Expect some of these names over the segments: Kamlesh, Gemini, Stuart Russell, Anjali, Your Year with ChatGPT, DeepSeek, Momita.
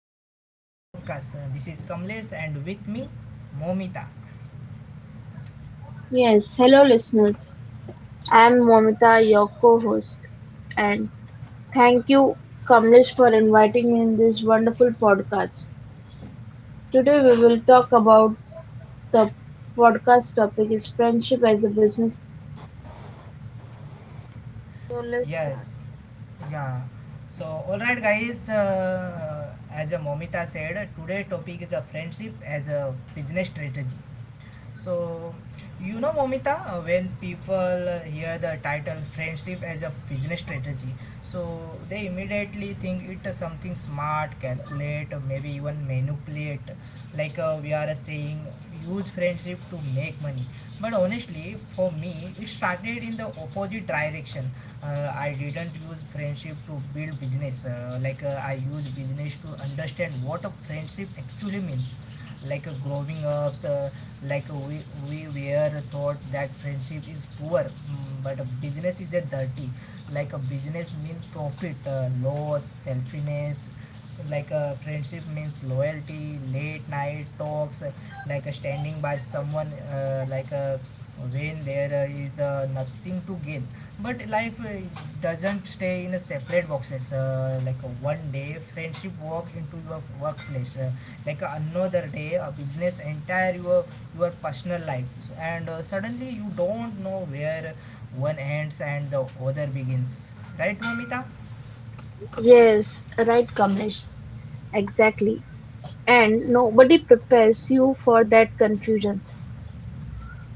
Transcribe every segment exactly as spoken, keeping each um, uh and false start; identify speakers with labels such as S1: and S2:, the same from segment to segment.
S1: the our podcast. Uh, This is Kamlesh and with me Momita.
S2: Yes, hello listeners. I'm Momita, your co-host, and thank you, Kamlesh, for inviting me in this wonderful podcast. Today we will talk about the podcast topic is friendship as a business. So let's start.
S1: Yes, yeah. So all right guys, uh, as uh, Momita said, today topic is a friendship as a business strategy. So you know Momita, uh, when people uh, hear the title friendship as a business strategy, so they immediately think it is something smart, calculate, or maybe even manipulate like uh, we are saying use friendship to make money, but honestly for me it started in the opposite direction. Uh, i didn't use friendship to build business, uh, like uh, i use business to understand what a friendship actually means. Like uh, growing up, uh, like uh, we, we were thought that friendship is poor, mm, but a business is a dirty. Like a business means profit, uh, loss, selfishness. So like a friendship means loyalty, late night talks, uh, like uh, standing by someone, uh, like a when there is uh, nothing to gain. But life uh, doesn't stay in a separate boxes. Uh, like uh, one day, friendship walk into your workplace. Uh, like uh, another day, a business entire your your personal life. So- and uh, suddenly you don't know where one ends and the other begins. Right, Mamita?
S2: Yes, right, Kamlesh. Exactly. And nobody prepares you for that confusions.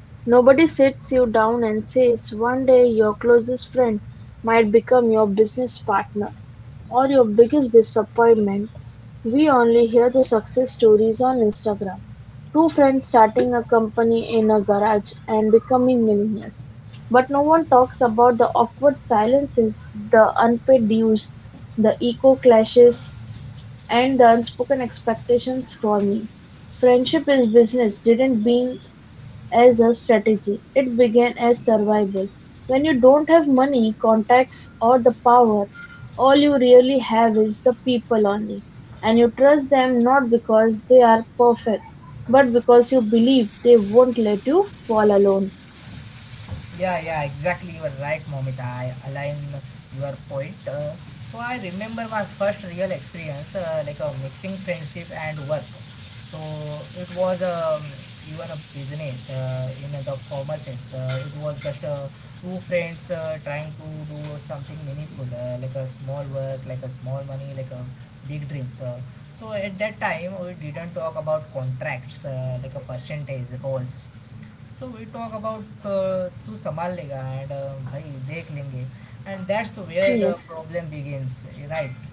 S2: Nobody sits you down and says one day your closest friend might become your business partner or your biggest disappointment. We only hear the success stories on Instagram. Two friends starting a company in a garage and becoming millionaires. But no one talks about the awkward silences, the unpaid dues, the ego clashes, and the unspoken expectations for me. Friendship is business didn't mean as a strategy, it began as survival. When you don't have money, contacts, or the power, all you really have is the people only. And you trust them not because they are perfect, but because you believe they won't let you fall alone.
S1: Yeah, yeah, exactly. You are right, Momita. I align your point. Uh, so I remember my first real experience, uh, like a mixing friendship and work. So it was um, even a business uh, in the formal sense. Uh, it was just uh, two friends uh, trying to do something meaningful, uh, like a small work, like a small money, like a big dreams. Uh, so at that time, we didn't talk about contracts, uh, like a percentage, roles. So we talk about uh, to संभाल लेगा and uh, भाई देख लेंगे, and that's where the
S2: Yes,
S1: problem begins, right?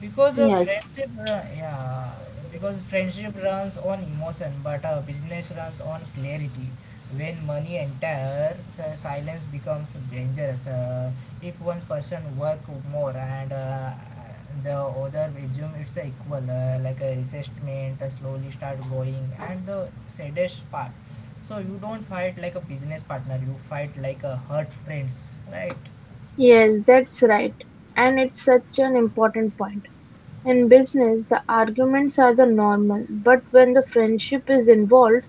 S1: because a
S2: yes,
S1: friendship ru- Yeah, because friendship runs on emotion but a business runs on clarity. When money enters, uh, silence becomes dangerous. Uh, if one person work more, and uh, the other assume it's a equal uh, like a assessment, uh, slowly start growing. And the saddest part, so you don't fight like a business partner, you fight like a hurt friends, right?
S2: yes, that's right. And it's such an important point. In business, the arguments are the normal, but when the friendship is involved,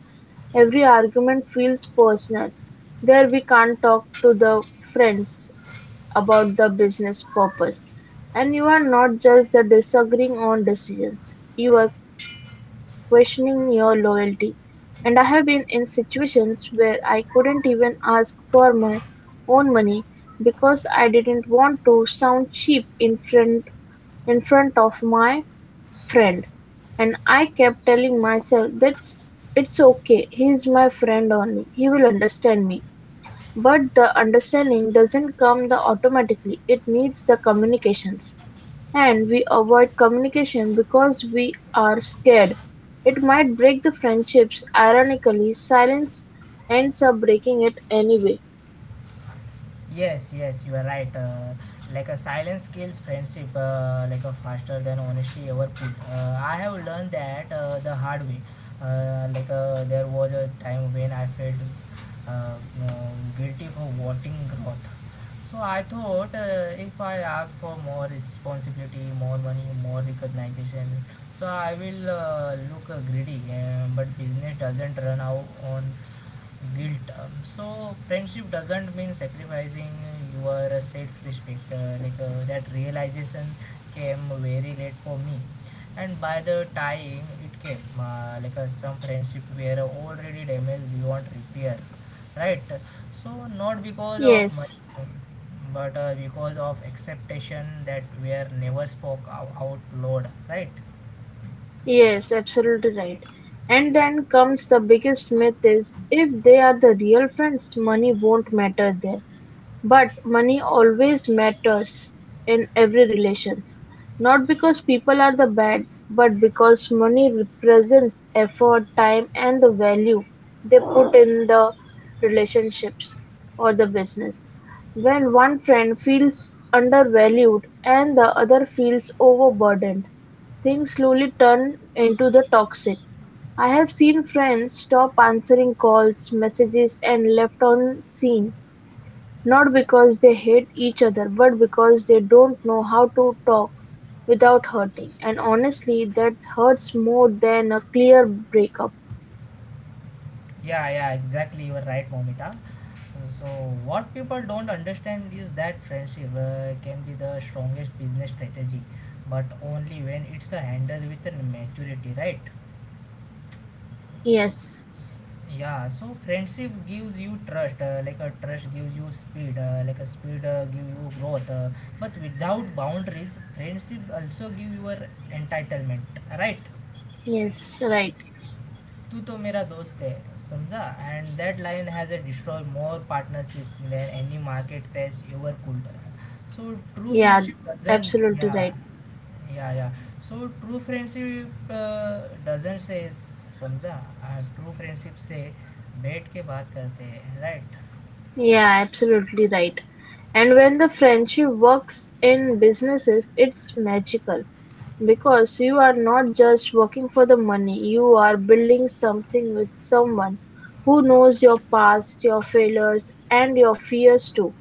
S2: every argument feels personal. There we can't talk to the friends about the business purpose. And you are not just the disagreeing on decisions. You are questioning your loyalty. And I have been in situations where I couldn't even ask for my own money because I didn't want to sound cheap in front in front of my friend. And I kept telling myself that's it's okay. He's my friend only. He will understand me. But the understanding doesn't come the automatically. It needs the communications. And we avoid communication because we are scared. It might break the friendships. Ironically, silence ends up breaking it anyway.
S1: Yes, yes, you are right. Uh, like a silence kills friendship, uh, like a faster than honesty ever could. Uh, I have learned that uh, the hard way. Uh, like uh, there was a time when I felt uh, um, guilty for wanting growth. So I thought, uh, if I ask for more responsibility, more money, more recognition, so I will uh, look uh, greedy. Um, but business doesn't run out on guilt, um, so friendship doesn't mean sacrificing your self-respect. Uh, like uh, that realization came very late for me, and by the time it came, uh, like uh, some friendship were already damaged beyond repair, right? So not because of
S2: Yes.
S1: money, but uh, because of acceptation that were never spoke ou- out loud, right?
S2: Yes, absolutely right. And then comes the biggest myth is if they are the real friends, money won't matter there. But money always matters in every relations, not because people are the bad, but because money represents effort, time, and the value they put in the relationships or the business. When one friend feels undervalued and the other feels overburdened, things slowly turn into the toxic. I have seen friends stop answering calls, messages, and left on scene not because they hate each other but because they don't know how to talk without hurting. And honestly, that hurts more than a clear breakup.
S1: Yeah, yeah, exactly. You are right, Momita. So, what people don't understand is that friendship uh, can be the strongest business strategy, but only when it's a handle with a maturity, right?
S2: Yes,
S1: Yeah, so friendship gives you trust, uh, like a trust gives you speed, uh, like a speed uh, give you growth. Uh, but without boundaries, friendship also give your entitlement, right?
S2: yes, right.
S1: तू तो मेरा दोस्त है समझा and that line has a destroy more partnership than any market crash ever could. So true
S2: Yeah,
S1: friendship doesn't
S2: absolutely
S1: या
S2: right.
S1: या या so true friendship doesn't से समझा ट्रू फ्रेंडशिप से बैठ के बात करते हैं right.
S2: Yeah, absolutely right. And when the friendship works in businesses, it's magical because you are not just working for the money, you are building something with someone who knows your past, your failures, and your fears too.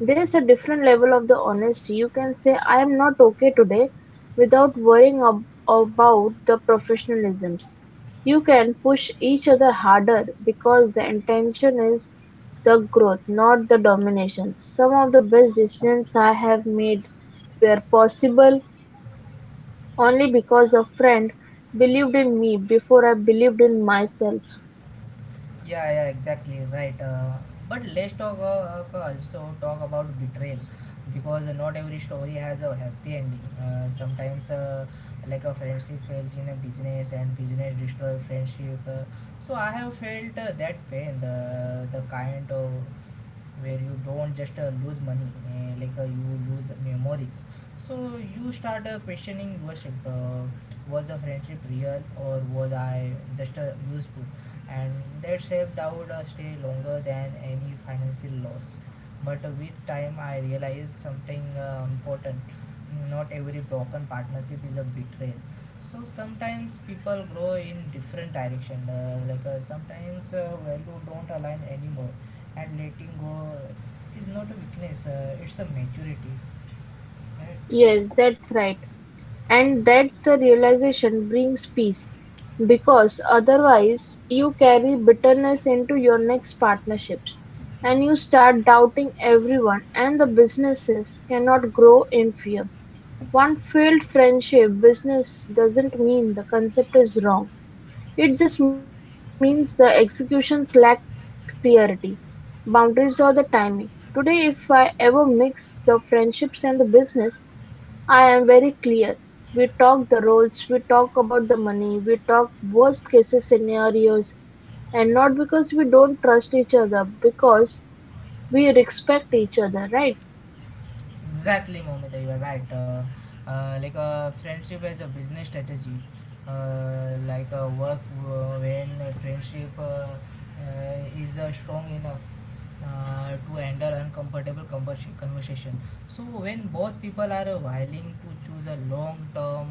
S2: There's a different level of the honesty, you can say "I'm not okay today" without worrying ab- about the professionalisms. You can push each other harder because the intention is the growth, not the domination. Some of the best decisions I have made were possible only because a friend believed in me before I believed in myself.
S1: Yeah, yeah, exactly, right. Uh, but let's talk uh, uh, also talk about betrayal, because not every story has a happy ending. Uh, sometimes, uh, like a friendship fails in a business and business destroys friendship. Uh, so I have felt uh, that pain, the the kind of where you don't just uh, lose money, uh, like uh, you lose memories. So you start uh, questioning yourself, uh, was a friendship real or was I just uh, useful? And that self-doubt uh, stay longer than any financial loss. But with time I realized something uh, important: not every broken partnership is a betrayal. So sometimes people grow in different direction, uh, like uh, sometimes uh, value don't align anymore, and letting go is not a weakness, uh, it's a maturity, right?
S2: Yes, that's right. And that's the realization brings peace, because otherwise you carry bitterness into your next partnerships and you start doubting everyone and the businesses cannot grow in fear. One failed friendship business doesn't mean the concept is wrong. It just means the executions lack clarity, boundaries or the timing. Today if I ever mix the friendships and the business, I am very clear. We talk the roles, we talk about the money, we talk worst cases scenarios, and not because we don't trust each other, because we respect each other, right?
S1: Exactly, Momita, you are right. Uh, uh, like a friendship as a business strategy, uh, like a work, uh, when a friendship uh, uh, is uh, strong enough uh, to handle uncomfortable conversation. So when both people are uh, willing to choose a long-term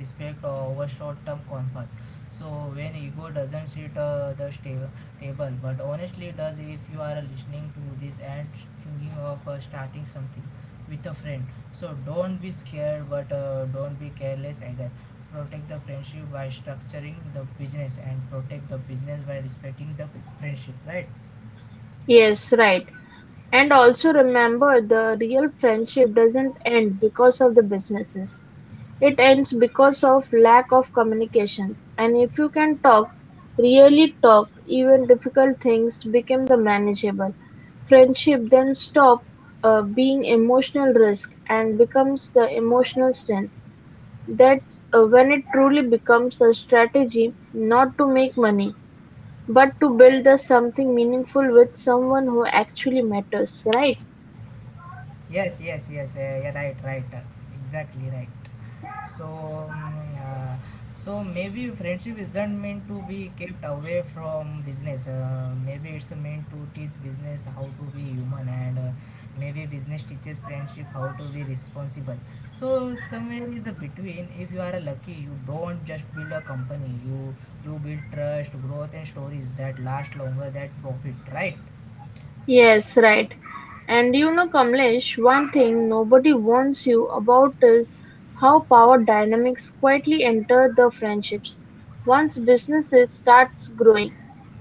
S1: respect over short-term comfort. So when ego doesn't sit uh, the sta- table, but honestly does. If you are listening to this and thinking of uh, starting something with a friend, so don't be scared, but uh, don't be careless either. Protect the friendship by structuring the business, and protect the business by respecting the friendship, right?
S2: Yes, right. And also remember the real friendship doesn't end because of the businesses. It ends because of lack of communications, and if you can talk, really talk, even difficult things become the manageable. Friendship then stop uh, being emotional risk and becomes the emotional strength. That's uh, when it truly becomes a strategy not to make money, but to build the something meaningful with someone who actually matters, right?
S1: Yes, yes, yes. Uh, yeah, right, right. uh, Exactly right. So, mm, uh, so maybe friendship isn't meant to be kept away from business. Uh, maybe it's meant to teach business how to be human, and uh, maybe business teaches friendship how to be responsible. So somewhere is a between. If you are lucky, you don't just build a company. You you build trust, growth, and stories that last longer that profit, right?
S2: Yes, right. And you know, Kamlesh, one thing nobody warns you about is how power dynamics quietly enter the friendships. Once businesses starts growing,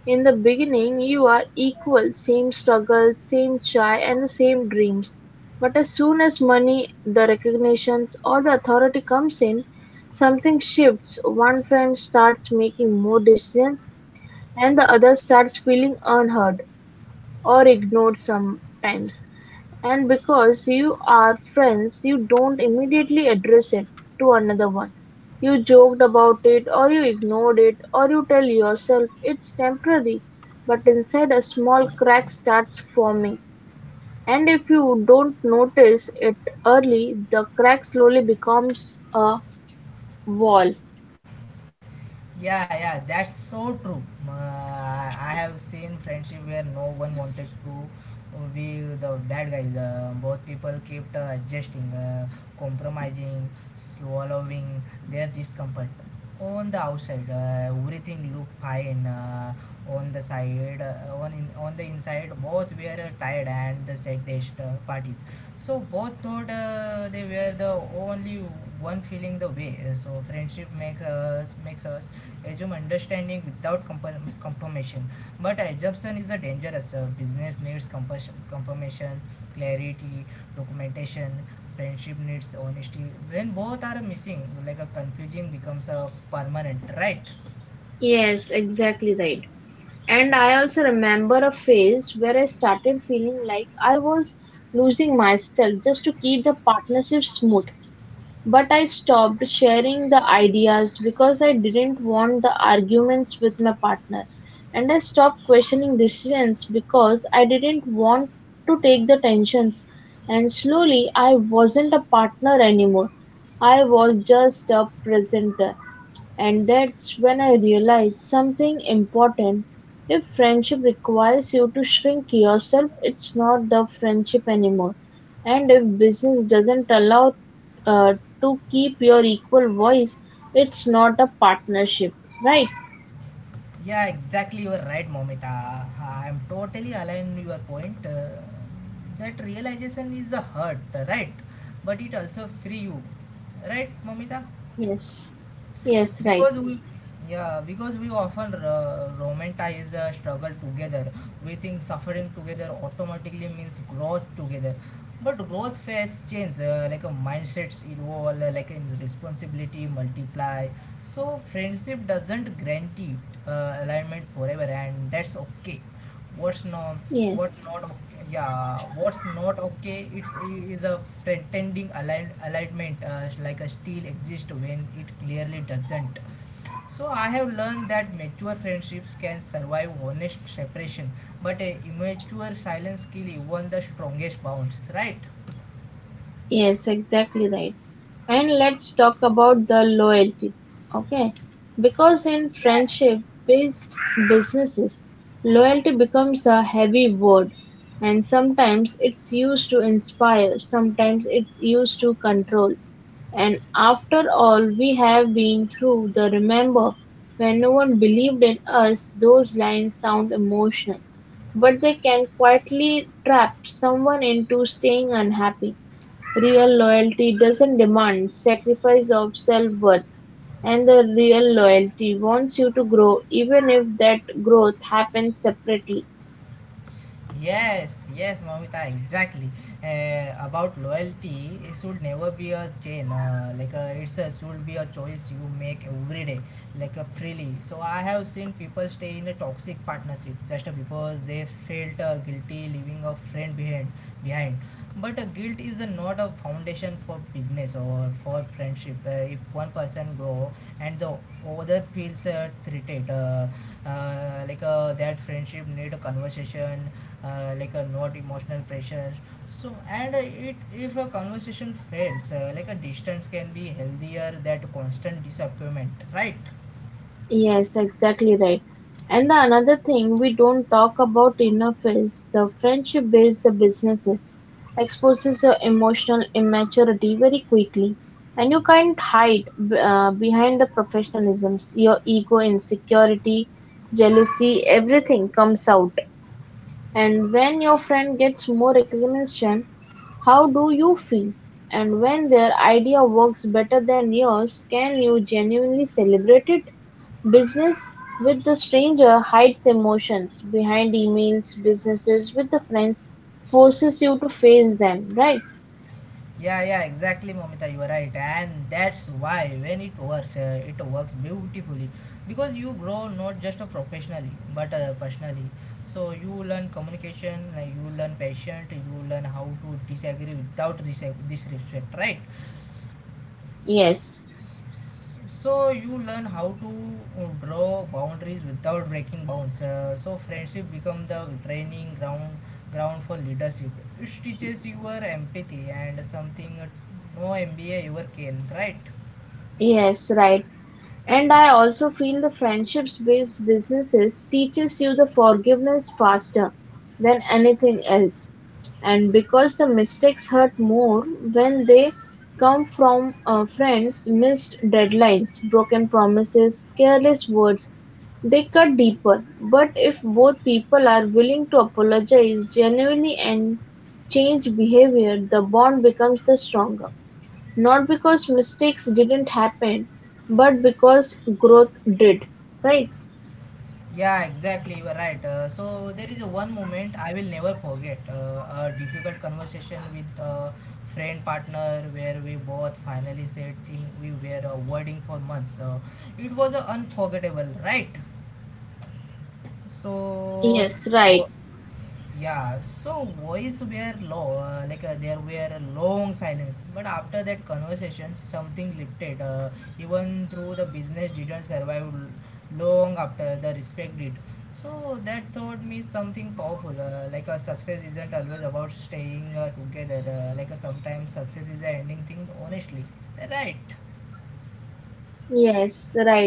S2: in the beginning you are equal, same struggles, same chai, and the same dreams. But as soon as money, the recognitions, or the authority comes in, something shifts. One friend starts making more decisions, and the other starts feeling unheard. Or ignored sometimes. And because you are friends, you don't immediately address it to another one. You joked about it, or you ignored it, or you tell yourself it's temporary. But inside, a small crack starts forming. And if you don't notice it early, the crack slowly becomes a wall.
S1: Yeah, yeah, that's so true. Uh, I have seen friendship where no one wanted to be the bad guys. Uh, both people kept uh, adjusting, uh, compromising, swallowing their discomfort. On the outside, uh, everything looked fine. Uh, on the side, uh, on in, on the inside, both were uh, tired and the saddest uh, parties. So both thought uh, they were the only one feeling the way. So friendship makes us makes us assume understanding without confirm- confirmation. But assumption is a dangerous. Uh, business needs compas- confirmation, clarity, documentation. Friendship needs honesty. When both are missing, like a confusing becomes a permanent, right?
S2: Yes, exactly right. And I also remember a phase where I started feeling like I was losing myself just to keep the partnership smooth. But I stopped sharing the ideas because I didn't want the arguments with my partner. And I stopped questioning decisions because I didn't want to take the tensions. And slowly, I wasn't a partner anymore. I was just a presenter. And that's when I realized something important: if friendship requires you to shrink yourself, it's not the friendship anymore. And if business doesn't allow uh, to keep your equal voice, it's not a partnership, right?
S1: Yeah, exactly. You are right, Momita. I'm totally aligned with your point. Uh, that realization is a hurt, right? But it also free you, right, Momita?
S2: Yes. Yes, right.
S1: Because we Yeah, because we often uh, romanticize uh, struggle together. We think suffering together automatically means growth together. But growth phase change, uh, like a mindsets evolve, uh, like in responsibility multiply. So friendship doesn't guarantee uh, alignment forever, and that's okay. what's not what
S2: Yes,
S1: not okay, yeah, what's not okay it's is a pretending align, alignment uh, like a steel exists when it clearly doesn't. So I have learned that mature friendships can survive honest separation, but a immature silence kill even the strongest bonds, right?
S2: yes, exactly right. And let's talk about the loyalty, okay, because in
S1: Yeah.
S2: friendship based businesses loyalty becomes a heavy word, and sometimes it's used to inspire, sometimes it's used to control. And after all we have been through, the remember when no one believed in us, those lines sound emotional, but they can quietly trap someone into staying unhappy. Real loyalty doesn't demand sacrifice of self-worth, and the real loyalty wants you to grow even if that growth happens separately.
S1: Yes, yes, Mamita, exactly. Uh, about loyalty, it should never be a chain. Uh, like uh, it's a, should be a choice you make every day, like uh, freely. So I have seen people stay in a toxic partnership just because they felt uh, guilty leaving a friend behind. Behind, but uh, guilt is uh, not a foundation for business or for friendship. Uh, if one person grow and the other feels uh, treated, uh, uh, like uh, that friendship need a conversation, uh, like a not emotional pressure. So and uh, it if a conversation fails, uh, like a distance can be healthier than constant disappointment, right?
S2: Yes, exactly right. And the another thing we don't talk about enough is the friendship based the businesses exposes your emotional immaturity very quickly, and you can't hide b- uh, behind the professionalisms. Your ego, insecurity, jealousy, everything comes out. And when your friend gets more recognition, how do you feel? And when their idea works better than yours, can you genuinely celebrate it? Business with the stranger hides emotions behind emails, businesses with the friends forces you to face them, right?
S1: Yeah, yeah, exactly, Momita, you are right. And that's why when it works, uh, it works beautifully, because you grow not just uh, professionally but uh, personally. So you learn communication, uh, you learn patience, you learn how to disagree without dis- disrespect, right?
S2: Yes,
S1: So you learn how to uh, draw boundaries without breaking bounds. Uh, so friendship become the training ground ground for leadership. It teaches your empathy and something uh, no M B A ever can, right?
S2: yes, right. And I also feel the friendships-based businesses teaches you the forgiveness faster than anything else. And because the mistakes hurt more when they come from uh, friends, missed deadlines, broken promises, careless words, they cut deeper. But if both people are willing to apologize genuinely and change behavior, the bond becomes the stronger. Not because mistakes didn't happen, but because growth did, right?
S1: Yeah, exactly, you are right. Uh, so there is one moment I will never forget, uh, a difficult conversation with a friend partner where we both finally said things we were avoiding for months. Uh, it was uh, unforgettable, right? So,
S2: Yes, right.
S1: wo- yeah, so voice were low, uh, like uh, there were a long silence. But after that conversation, something lifted. Uh, even through the business didn't survive l- long after, the respect did. So that taught me something powerful. Uh, like a success isn't always about staying uh, together. Uh, like uh, sometimes success is a ending thing, honestly. Right.
S2: Yes, right.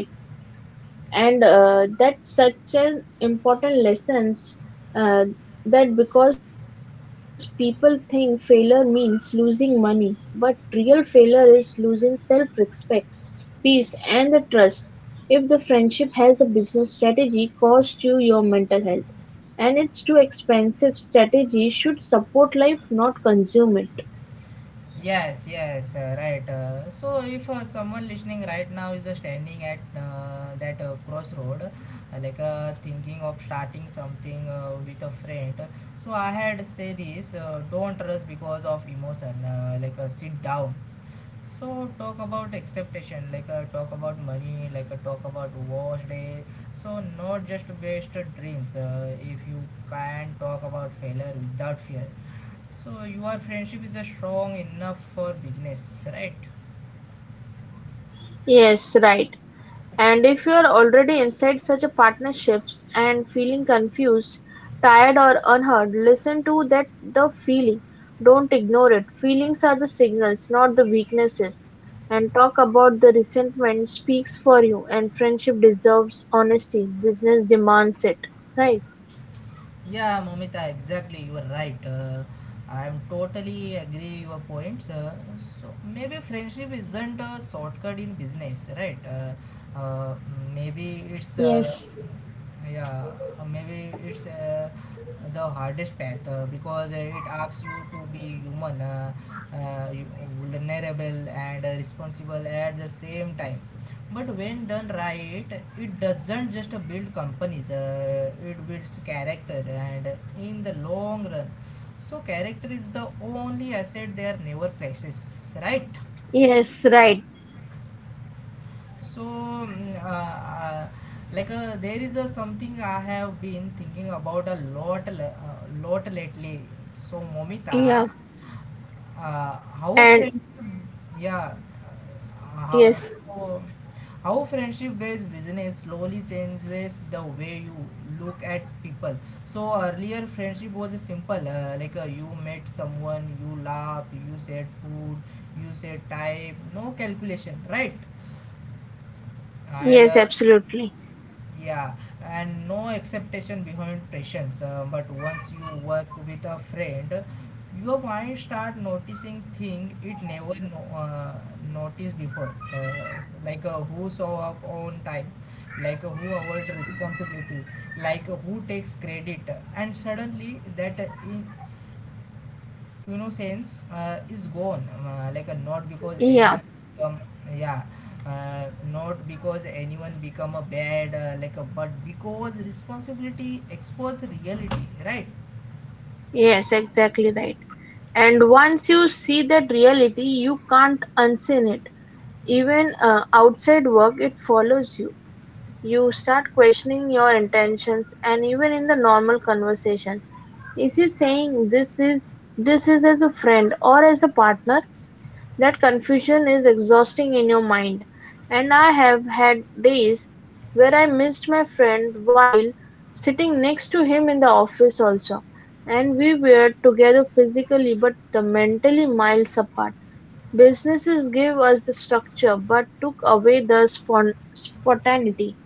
S2: And uh, that's such an important lessons uh, that because people think failure means losing money, but real failure is losing self-respect, peace, and the trust. If the friendship has a business strategy, cost you your mental health. And it's too expensive strategy should support life, not consume it.
S1: Yes, yes, uh, right. Uh, so, if uh, someone listening right now is uh, standing at uh, that uh, crossroad, uh, like uh, thinking of starting something uh, with a friend, so I had say this: uh, don't rush because of emotion. Uh, like uh, sit down, so talk about acceptation, like uh, talk about money, like uh, talk about wash day, so not just based dreams. Uh, if you can talk about failure without fear, so your friendship is uh, strong enough for business, right?
S2: Yes, right. And if you are already inside such a partnerships and feeling confused, tired or unheard, listen to that the feeling. Don't ignore it. Feelings are the signals, not the weaknesses. And talk about the resentment speaks for you and friendship deserves honesty. Business demands it. Right.
S1: Yeah, Momita, exactly. You are right. Uh, I am totally agree your points. Uh, so maybe friendship isn't a shortcut in business, right? Uh, uh, maybe it's uh,
S2: Yes.
S1: yeah, uh, maybe it's uh, the hardest path uh, because uh, it asks you to be human, uh, uh, you- vulnerable and uh, responsible at the same time. But when done right, it doesn't just build companies, uh, it builds character and in the long run. So, character is the only asset there never prices, right?
S2: Yes, right.
S1: So, mm, uh, uh, like uh, there is a something I have been thinking about a lot, uh, lot lately. So,
S2: Yeah.
S1: Momita, Uh, how
S2: And
S1: friendship, yeah, uh, how,
S2: yes.
S1: so how friendship-based business slowly changes the way you look at people. So earlier, friendship was simple, uh, like uh, you met someone, you laugh, you said food, you said time, no calculation, right? And
S2: Yes,
S1: uh,
S2: absolutely.
S1: yeah and no expectation behind patience. Uh, but once you work with a friend, your mind start noticing things it never no, uh, noticed before, uh, like uh, who show up on time, like uh, who avoid responsibility, like uh, who takes credit, and suddenly that uh, in innocence uh, is gone, uh, like uh, not because
S2: Yeah,
S1: anyone become yeah uh, not because anyone become a bad, uh, like a but because responsibility expose reality, right?
S2: yes, exactly right. And once you see that reality, you can't unseen it. Even uh, outside work, it follows you. You start questioning your intentions, and even in the normal conversations, is he saying this is this is as a friend or as a partner? That confusion is exhausting in your mind, and I have had days where I missed my friend while sitting next to him in the office also, and we were together physically but the mentally miles apart. Businesses gave us the structure but took away the spon- spontaneity,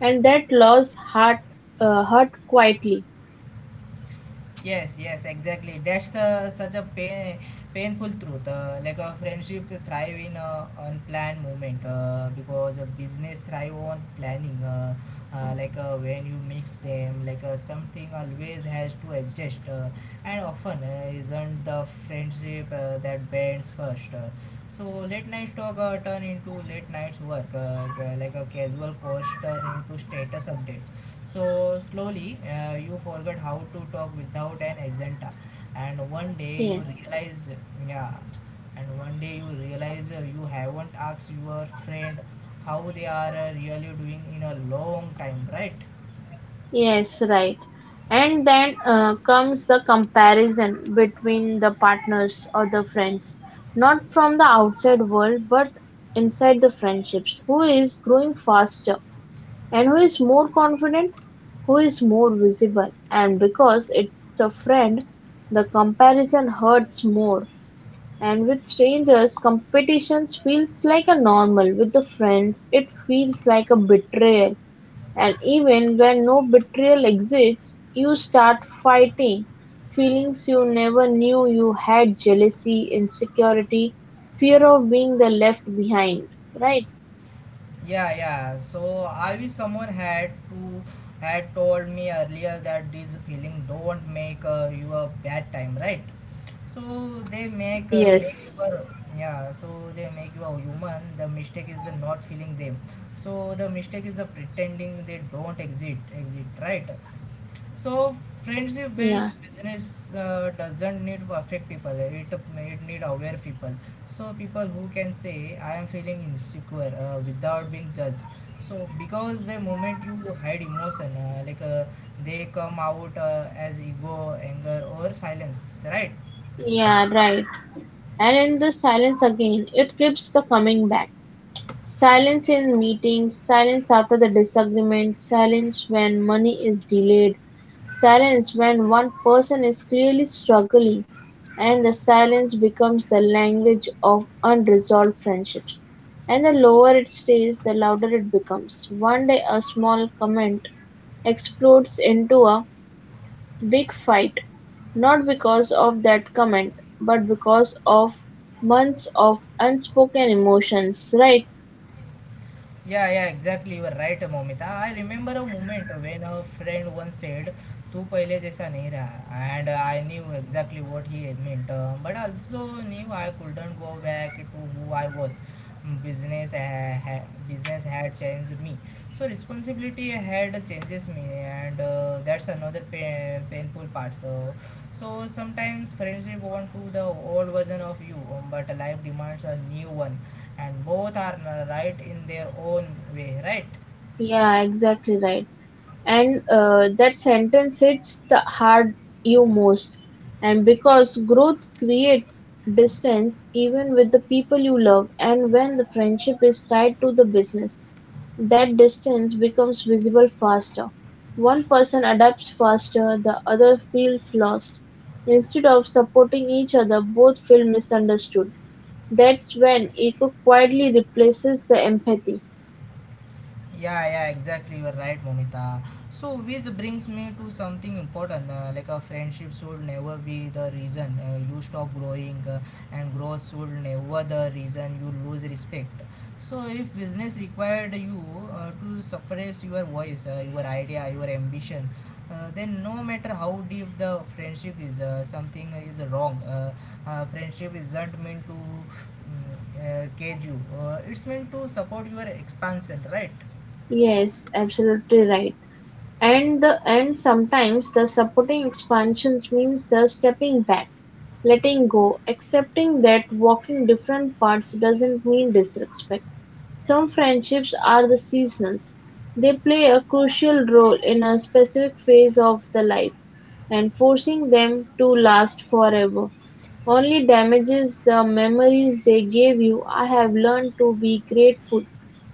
S2: and that loss hurt, uh, hurt quietly.
S1: Yes, yes, exactly. That's uh, such a pain, painful truth. Uh, like a friendship thrive in a unplanned moment uh, because a business thrive on planning. Uh, uh, like uh, when you mix them, like uh, something always has to adjust, uh, and often uh, isn't the friendship uh, that bends first. Uh, so late night talk uh, turn into late nights work, uh, g- like a casual course turn into status updates. So slowly uh, you forget how to talk without an agenda, and one day you
S2: Yes.
S1: realize, yeah, and one day you realize uh, you haven't asked your friend how they are uh, really doing in a long time, right?
S2: Yes, right. And then uh, comes the comparison between the partners or the friends, not from the outside world, but inside the friendships. Who is growing faster and who is more confident, who is more visible. And because it's a friend, the comparison hurts more. And with strangers, competition feels like a normal. With the friends, it feels like a betrayal. And even when no betrayal exists, you start fighting feelings you never knew you had jealousy, insecurity, fear of being the left behind, right?
S1: Yeah, yeah. So I wish someone had to had told me earlier that this feeling don't make uh, you a bad time, right? So they make uh, make
S2: Yes.
S1: you a yeah. So they make you a human. The mistake is not feeling them. So the mistake is uh, pretending they don't exist exist, right? So
S2: Yeah,
S1: friendship based business uh, doesn't need perfect people. It it need aware people. So people who can say I am feeling insecure uh, without being judged. So because the moment you hide emotion, uh, like uh, they come out uh, as ego, anger, or silence, right?
S2: yeah, right. And in the silence again, it keeps the coming back. Silence in meetings, silence after the disagreement, silence when money is delayed, silence when one person is clearly struggling, and the silence becomes the language of unresolved friendships. And the lower it stays, the louder it becomes. One day, a small comment explodes into a big fight, not because of that comment, but because of months of unspoken emotions, right?
S1: Yeah, yeah, exactly. You are right, Momita. I remember a moment when a friend once said, "तू पहले जैसा नहीं रहा," and I knew exactly what he meant, uh, but also knew I couldn't go back to who I was. Business, ha- ha- business had changed me, so responsibility had changes me, and uh, that's another pain, painful part. So, so Sometimes friendship want to the old version of you, um, but life demands a new one and both are right in their own way, right?
S2: Yeah, exactly right. And uh, that sentence hits the heart you most. And because growth creates distance even with the people you love, and when the friendship is tied to the business, that distance becomes visible faster. One person adapts faster, the other feels lost. Instead of supporting each other, both feel misunderstood. That's when ego quietly replaces the empathy.
S1: Yeah, yeah, exactly. You're right, Momita. So, which brings me to something important. Uh, like a friendship should never be the reason uh, you stop growing, uh, and growth should never the reason you lose respect. So, if business required you uh, to suppress your voice, uh, your idea, your ambition, uh, then no matter how deep the friendship is, uh, something is wrong. Uh, uh, friendship isn't meant to mm, uh, cage you. Uh, it's meant to support your expansion, right?
S2: Yes, absolutely right. And the and sometimes the supporting expansions means the stepping back, letting go, accepting that walking different paths doesn't mean disrespect. Some friendships are the seasons. They play a crucial role in a specific phase of the life, and forcing them to last forever only damages the memories they gave you. I have learned to be grateful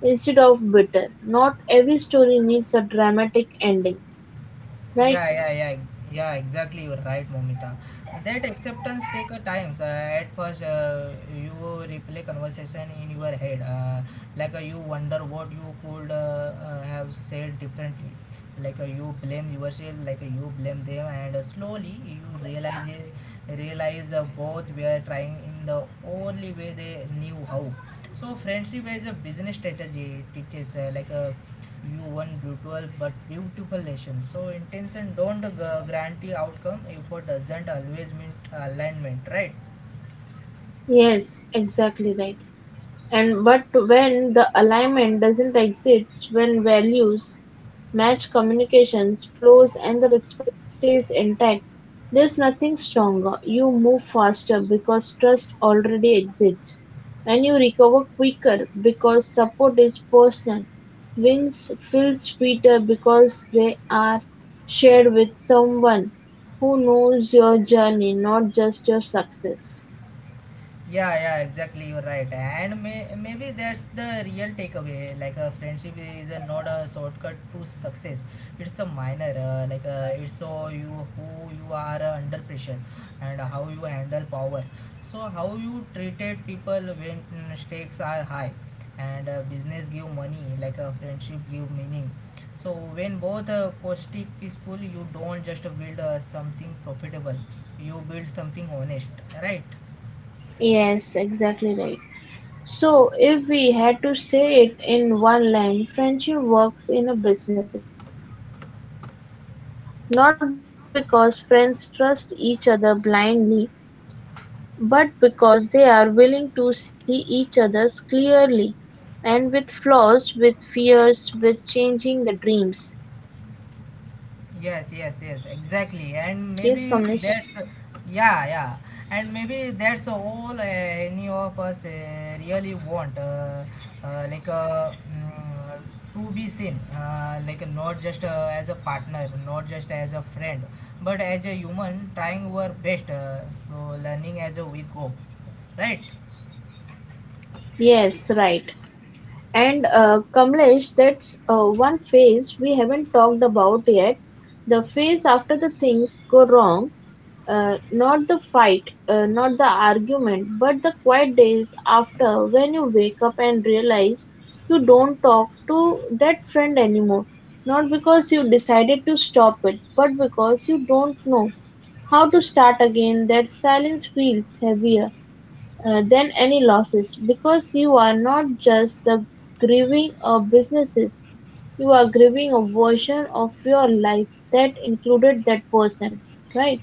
S2: instead of bitter. Not every story needs a dramatic ending, right?
S1: Yeah, yeah, yeah, yeah. Exactly, you're right, Momita. That acceptance take a time. So at first, uh, you replay conversation in your head, uh, like uh, you wonder what you could uh, uh, have said differently. Like uh, you blame yourself, like uh, you blame them, and uh, slowly you realize realize uh, both were trying in the only way they knew how. So friendship is a business strategy. It teaches uh, like a you one brutal but beautiful nation. So intention don't guarantee outcome. Effort doesn't always mean alignment, right?
S2: Yes, exactly right. And but when the alignment doesn't exist, when values match communications flows and the respect stays intact, there's nothing stronger. You move faster because trust already exists, and you recover quicker because support is personal. Wins feel sweeter because they are shared with someone who knows your journey, not just your success.
S1: Yeah, yeah, exactly. You're right. And may, maybe that's the real takeaway. Like a Friendship is a, not a shortcut to success. It's a minor. Uh, like uh, it's so you who you are uh, under pressure, and how you handle power. So how you treated people when mm, stakes are high, and uh, business give money. Like a friendship give meaning. So when both uh, caustic peaceful, you don't just build uh, something profitable. You build something honest. Right.
S2: Yes, exactly right. So, if we had to say it in one line, friendship works in a business, not because friends trust each other blindly, but because they are willing to see each other's clearly and with flaws, with fears, with changing the dreams.
S1: Yes, yes,
S2: Yes,
S1: yes,
S2: Kamlesh.
S1: exactly. And maybe that's, yeah, yeah. And maybe that's all uh, any of us uh, really want, uh, uh, like uh, mm, to be seen, uh, like not just uh, as a partner, not just as a friend, but as a human trying our best, uh, so learning as we go, right?
S2: Yes, right. And uh, Kamlesh, that's uh, one phase we haven't talked about yet. The phase after the things go wrong, uh, not the fight, uh, not the argument, but the quiet days after when you wake up and realize you don't talk to that friend anymore. Not because you decided to stop it, but because you don't know how to start again. That silence feels heavier uh, than any losses, because you are not just the grieving a businesses, you are grieving a version of your life that included that person, right?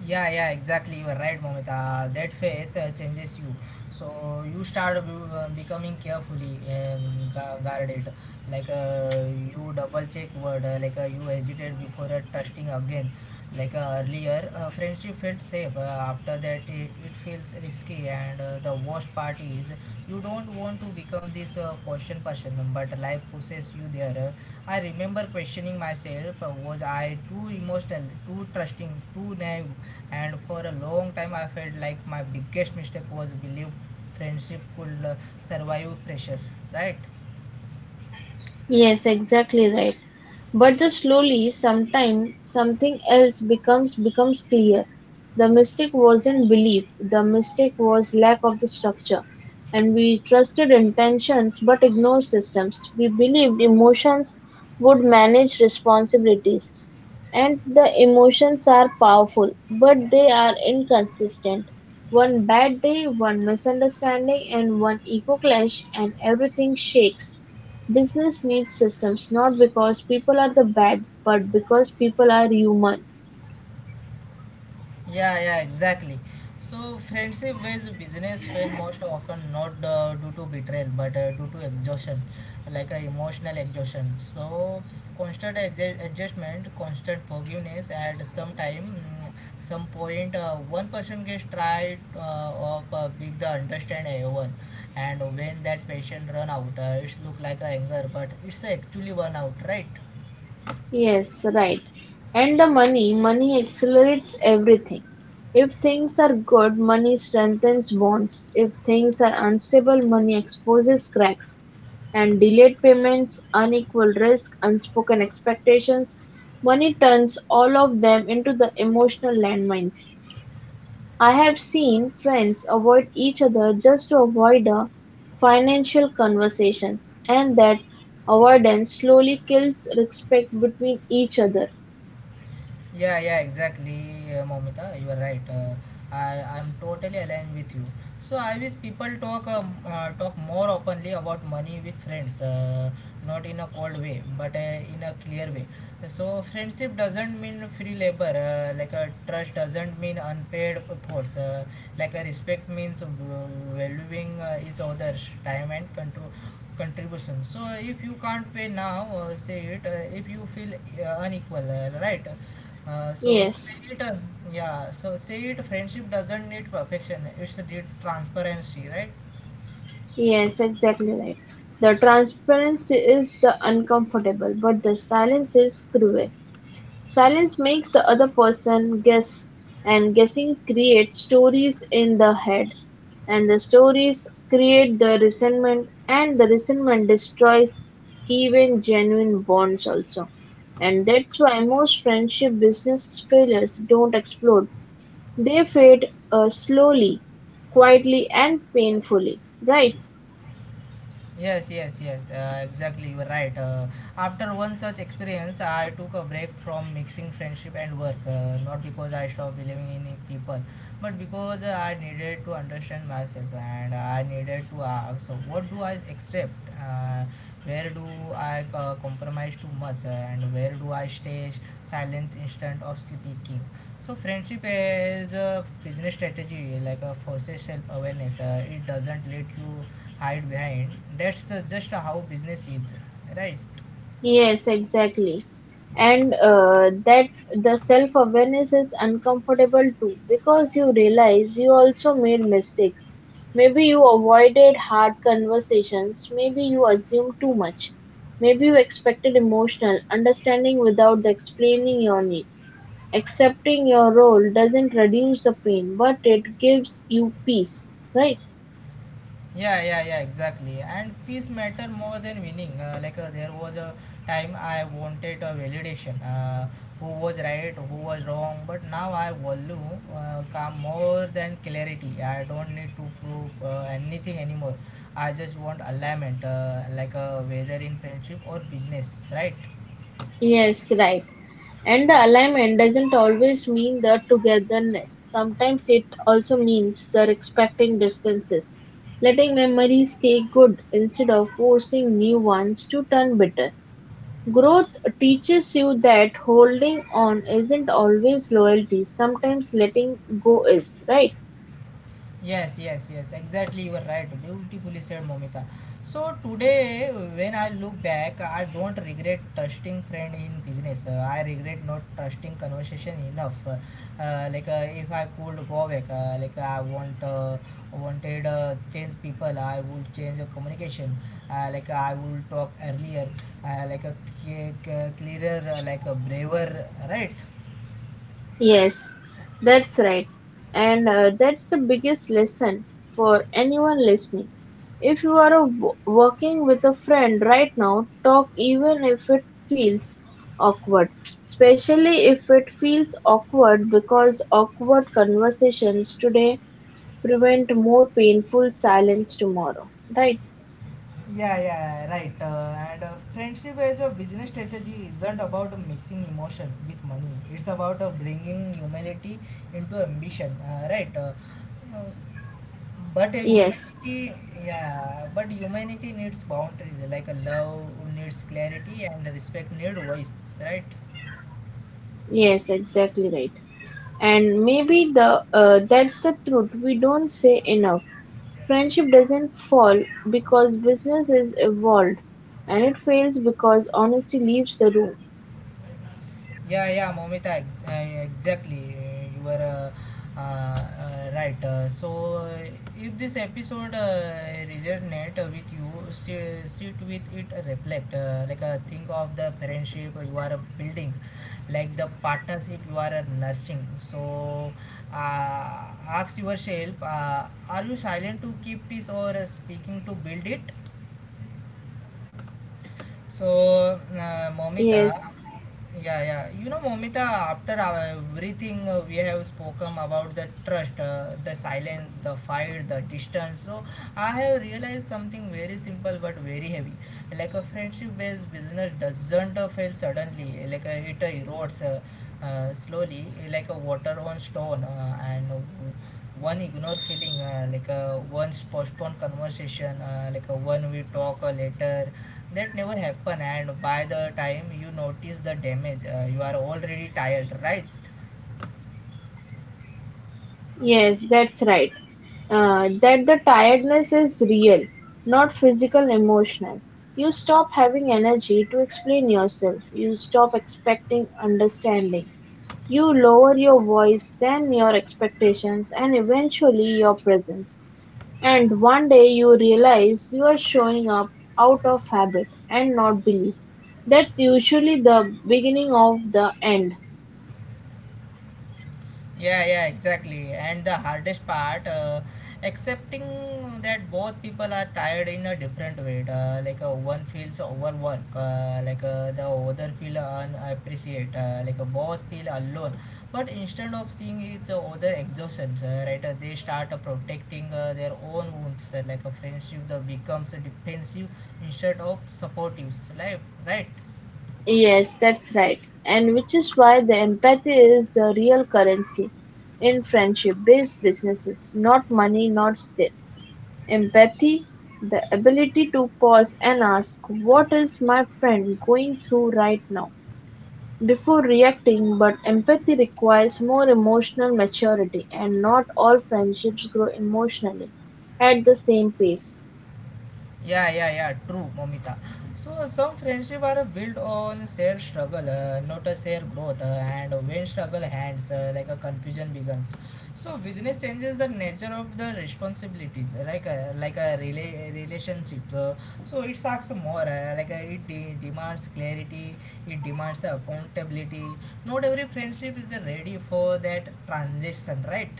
S1: Yeah, yeah, exactly. You are right, Momita. That phase uh, changes you. So you start uh, becoming carefully, um, gu- guarded. Like uh, you double check word. Uh, like uh, you hesitate before uh, trusting again. Like uh, earlier uh, friendship felt safe, uh, after that it, it feels risky, and uh, the worst part is you don't want to become this uh, question person, but life pushes you there. uh, I remember questioning myself, uh, was I too emotional, too trusting, too naive, and for a long time I felt like my biggest mistake was believe friendship could uh, survive pressure, right?
S2: Yes, exactly right. But the slowly, sometime something else becomes becomes clear. The mistake wasn't belief. The mistake was lack of the structure. And we trusted intentions but ignored systems. We believed emotions would manage responsibilities. And the emotions are powerful, but they are inconsistent. One bad day, one misunderstanding, and one ego clash, and everything shakes. Business needs systems not because people are the bad, but because people are human.
S1: Yeah, yeah, exactly. So, friendship based business fail most often not uh, due to betrayal but uh, due to exhaustion, like uh, emotional exhaustion. So, constant adj- adjustment, constant forgiveness, at some time, mm, some point, uh, one person gets tried uh, of uh, big the understand everyone, and when that patient run out, uh, it look like a anger, but it's actually burnout, right?
S2: Yes, right. And the money, money accelerates everything. If things are good, money strengthens bonds. If things are unstable, money exposes cracks. And delayed payments, unequal risk, unspoken expectations, money turns all of them into the emotional landmines. I have seen friends avoid each other just to avoid a financial conversations, and that avoidance slowly kills respect between each other.
S1: Yeah, yeah, exactly, uh, Momita. You are right. Uh, I I'm totally aligned with you. So I wish people talk um, uh, talk more openly about money with friends, uh, not in a cold way, but uh, in a clear way. So friendship doesn't mean free labor. Uh, like a Trust doesn't mean unpaid efforts. Uh, like a Respect means v- valuing uh, each other's time and control contribution. So if you can't pay now, uh, say it. Uh, if you feel uh, unequal, uh, right, uh, so say
S2: Yes,
S1: it, uh, yeah. So say it. Friendship doesn't need perfection. It's the transparency, right?
S2: yes, exactly right. The transparency is the uncomfortable, but the silence is cruel. Silence makes the other person guess, and guessing creates stories in the head, and the stories create the resentment, and the resentment destroys even genuine bonds also. And that's why most friendship business failures don't explode. They fade uh, slowly, quietly, and painfully, right?
S1: Yes, yes, yes. Uh, exactly, you are right. Uh, after one such experience, I took a break from mixing friendship and work. Uh, not because I stopped believing in people, but because uh, I needed to understand myself, and I needed to ask, so what do I accept? Uh, where do I uh, compromise too much? And where do I stay silent instead of speaking? So friendship is a business strategy, like a forces self-awareness. Uh, it doesn't let you hide behind. That's uh, just how business is, right?
S2: Yes, exactly. And uh, that the self awareness is uncomfortable too because you realize you also made mistakes. Maybe you avoided hard conversations, maybe you assumed too much, maybe you expected emotional understanding without the explaining your needs. Accepting your role doesn't reduce the pain, but it gives you peace, right?
S1: Yeah, yeah, yeah, exactly. And peace matter more than winning. Uh, like uh, there was a time I wanted a validation, uh, who was right, who was wrong. But now I value uh, calm more than clarity. I don't need to prove uh, anything anymore. I just want alignment, uh, like uh, whether in friendship or business, right?
S2: Yes, right. And the alignment doesn't always mean the togetherness. Sometimes it also means the respecting distances, letting memories stay good instead of forcing new ones to turn bitter. Growth teaches you that holding on isn't always loyalty, sometimes letting go is, right?
S1: Yes, yes, yes, exactly. You were right. Beautifully said, Momita. So today, when I look back, I don't regret trusting friend in business. Uh, I regret not trusting conversation enough. Uh, like uh, if I could go back, uh, like I want uh, wanted uh, change people, I would change the communication. Uh, like I would talk earlier, uh, like a clearer, like a braver, right?
S2: Yes, that's right. And uh, that's the biggest lesson for anyone listening. If you are a w- working with a friend right now, talk even if it feels awkward. Especially if it feels awkward because awkward conversations today prevent more painful silence tomorrow. Right?
S1: Yeah, yeah, right. Uh, and uh, Friendship as a business strategy isn't about mixing emotion with money. It's about uh, bringing humility into ambition. Uh, right. Uh, uh, but uh,
S2: Yes.
S1: humanity, yeah, but humanity needs boundaries. Like uh, love needs clarity and respect needs voice. Right.
S2: Yes, exactly right. And maybe the uh, that's the truth we don't say enough. Friendship doesn't fall because business is evolved, and it fails because honesty leaves the room.
S1: Yeah, yeah, Momita, ex- uh, exactly. uh, You were uh, uh, uh, right. Uh, so, uh, if this episode uh, resonate uh, with you, sit, sit with it, uh, reflect. Uh, like, uh, think of the friendship you are building, like the partnership you are uh, nurturing. So, uh, Ask yourself: uh, Are you silent to keep peace, or uh, speaking to build it? So, uh, Momita,
S2: Yes,
S1: yeah, yeah. You know, Momita, after our- everything uh, we have spoken about the trust, uh, the silence, the fire, the distance, so I have realized something very simple but very heavy. Like a friendship based business doesn't uh, fail suddenly, like uh, it uh, erodes. Uh, uh, slowly like a water on stone uh, and one ignore feeling uh, like a one postponed conversation uh, like a one we talk uh, later that never happen, and by the time you notice the damage uh, you are already tired, right?
S2: yes, that's right. Uh, that the tiredness is real, not physical, emotional. You stop having energy to explain yourself. You stop expecting understanding. You lower your voice, then your expectations, and eventually your presence. And one day you realize you are showing up out of habit and not belief. That's usually the beginning of the end.
S1: Yeah, yeah, exactly. And the hardest part, uh, accepting that both people are tired in a different way. Uh, like uh, one feels overwork, uh, like uh, the other feel unappreciate, uh, like uh, both feel alone. But instead of seeing each other exhaustion, uh, right, uh, they start uh, protecting uh, their own wounds. Uh, like a friendship that becomes defensive instead of supportive, right? Right?
S2: Yes, that's right. And which is why the empathy is the real currency in friendship based businesses, not money, not skill. Empathy, the ability to pause and ask, what is my friend going through right now? Before reacting, but empathy requires more emotional maturity, and not all friendships grow emotionally at the same pace.
S1: Yeah, yeah, yeah, true, Momita. So, some friendship are built on shared struggle, uh, not a shared growth, uh, and when struggle hands, uh, like a confusion begins. So, business changes the nature of the responsibilities, uh, like a, like a rela- relationship. Uh, so, it asks more, uh, like uh, it de- demands clarity, it demands accountability. Not every friendship is ready for that transition, right?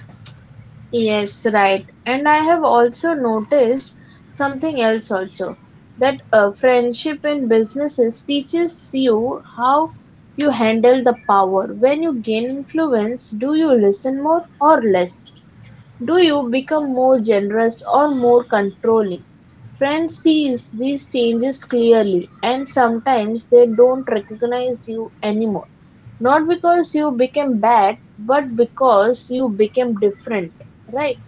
S2: Yes, right. And I have also noticed something else also that a friendship in businesses teaches you how you handle the power. When you gain influence, do you listen more or less? Do you become more generous or more controlling? Friends see these changes clearly, and sometimes they don't recognize you anymore. Not because you became bad, but because you became different, right?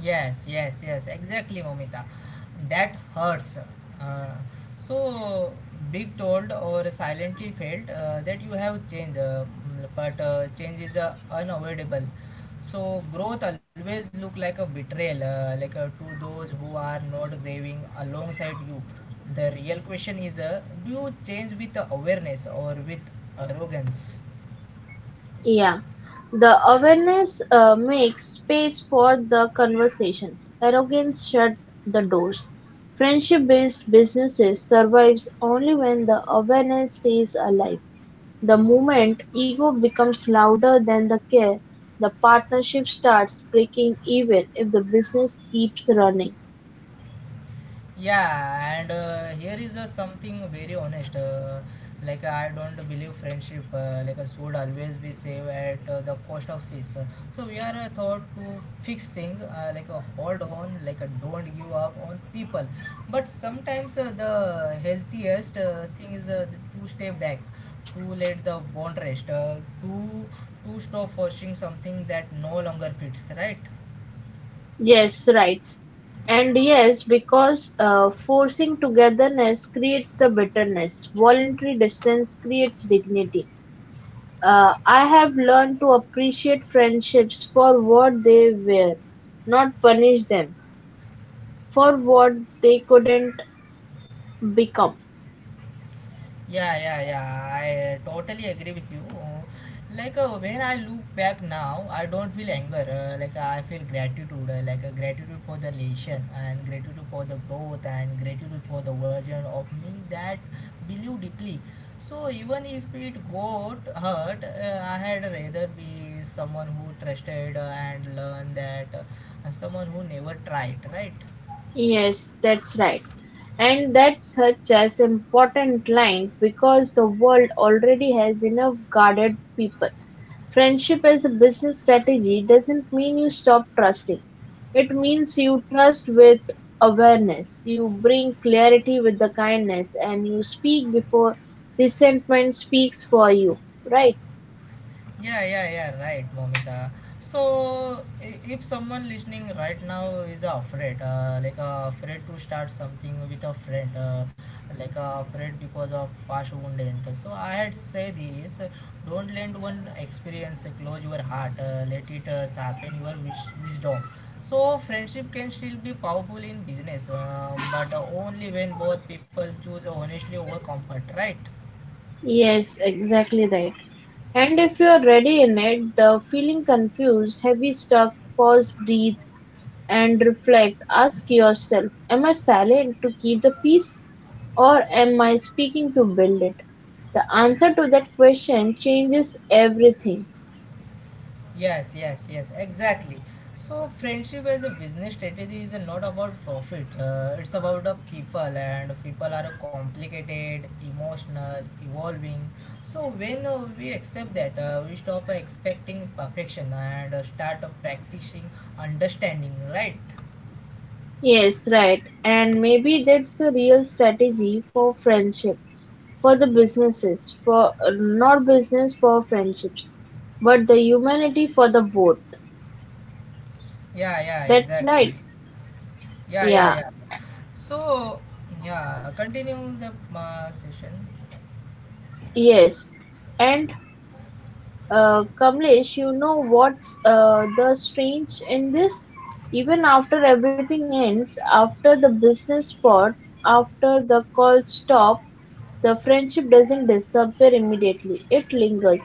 S1: Yes, yes, yes, exactly, Momita. That hurts. Uh, so, big told or silently felt uh, that you have changed, uh, mm, but uh, change is uh, unavoidable. So, growth always look like a betrayal, uh, like uh, to those who are not grieving alongside you. The real question is, uh, do you change with awareness or with arrogance?
S2: Yeah. The awareness uh, makes space for the conversations. Arrogance shut the doors. Friendship based businesses survives only when the awareness stays alive. The moment ego becomes louder than the care, the partnership starts breaking even if the business keeps running.
S1: Yeah, and uh, here is uh, something very honest. Uh, like I don't believe friendship uh, like uh, should always be saved at uh, the cost of peace. So we are uh, thought to fix thing, uh, like uh, hold on, like uh, don't give up on people. But sometimes uh, the healthiest uh, thing is uh, to stay back, to let the bond rest, uh, to to stop forcing something that no longer fits. Right?
S2: Yes, right. And yes, because uh, forcing togetherness creates the bitterness, voluntary distance creates dignity. Uh, I have learned to appreciate friendships for what they were, not punish them for what they couldn't become.
S1: Yeah, yeah, yeah. I totally agree with you. Like uh, when I look back now, I don't feel anger. Uh, like I feel gratitude. Uh, like uh, gratitude for the relation, and gratitude for the growth, and gratitude for the version of me that believe deeply. So even if it got hurt, uh, I had rather be someone who trusted uh, and learned that uh, someone who never tried. Right?
S2: Yes, that's right. And that's such as important line because the world already has enough guarded people. Friendship as a business strategy doesn't mean you stop trusting. It means you trust with awareness, you bring clarity with the kindness, and you speak before resentment speaks for you, right?
S1: Yeah, yeah, yeah, right, Vomita. So, i- if someone listening right now is afraid, uh, like uh, afraid to start something with a friend, uh, like uh, afraid because of past wounded, so I had say this: don't let one experience close your heart. Uh, let it uh, sharpen your wish- wisdom. So, friendship can still be powerful in business, um, but only when both people choose honestly over comfort, right?
S2: Yes, exactly right. And if you are ready in it, the feeling confused, heavy, stuck, pause, breathe, and reflect. Ask yourself, am I silent to keep the peace or am I speaking to build it? The answer to that question changes everything.
S1: Yes, yes, yes, exactly. So, friendship as a business strategy is not about profit. Uh, it's about the people, and people are complicated, emotional, evolving. So, when uh, we accept that, uh, we stop expecting perfection and uh, start practicing understanding. Right?
S2: Yes, right. And maybe that's the real strategy for friendship, for the businesses, for not business, for friendships, but the humanity for the both.
S1: Yeah, yeah,
S2: That's right.
S1: exactly. Yeah, yeah,
S2: Yeah,
S1: yeah. So, yeah, continue the uh, session.
S2: yes. And Uh, Kamlesh, you know what's uh, the strange in this? Even after everything ends, after the business spots, after the call stop, the friendship doesn't disappear immediately. It lingers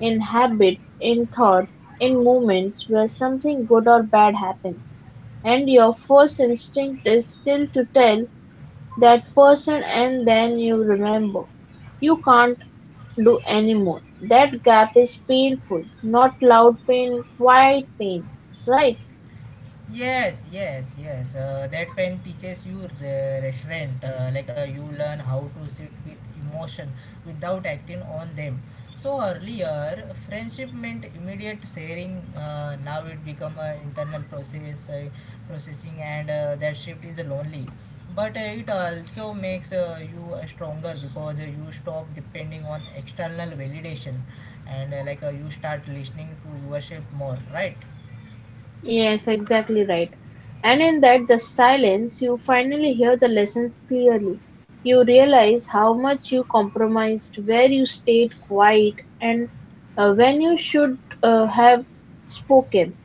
S2: in habits, in thoughts, in moments where something good or bad happens. And your first instinct is still to tell that person, and then you remember. You can't do anymore. That gap is painful. Not loud pain, quiet pain, right?
S1: Yes, yes, yes. Uh, that pen teaches you re- restraint. Uh, like uh, you learn how to sit with emotion without acting on them. So earlier, friendship meant immediate sharing. Uh, now it become an internal process, uh, processing, and uh, that shift is lonely. But uh, it also makes uh, you uh, stronger because uh, you stop depending on external validation, and uh, like uh, you start listening to yourself more, right?
S2: Yes, exactly right. And in that, the silence, you finally hear the lessons clearly. You realize how much you compromised, where you stayed quiet, and uh, when you should uh, have spoken,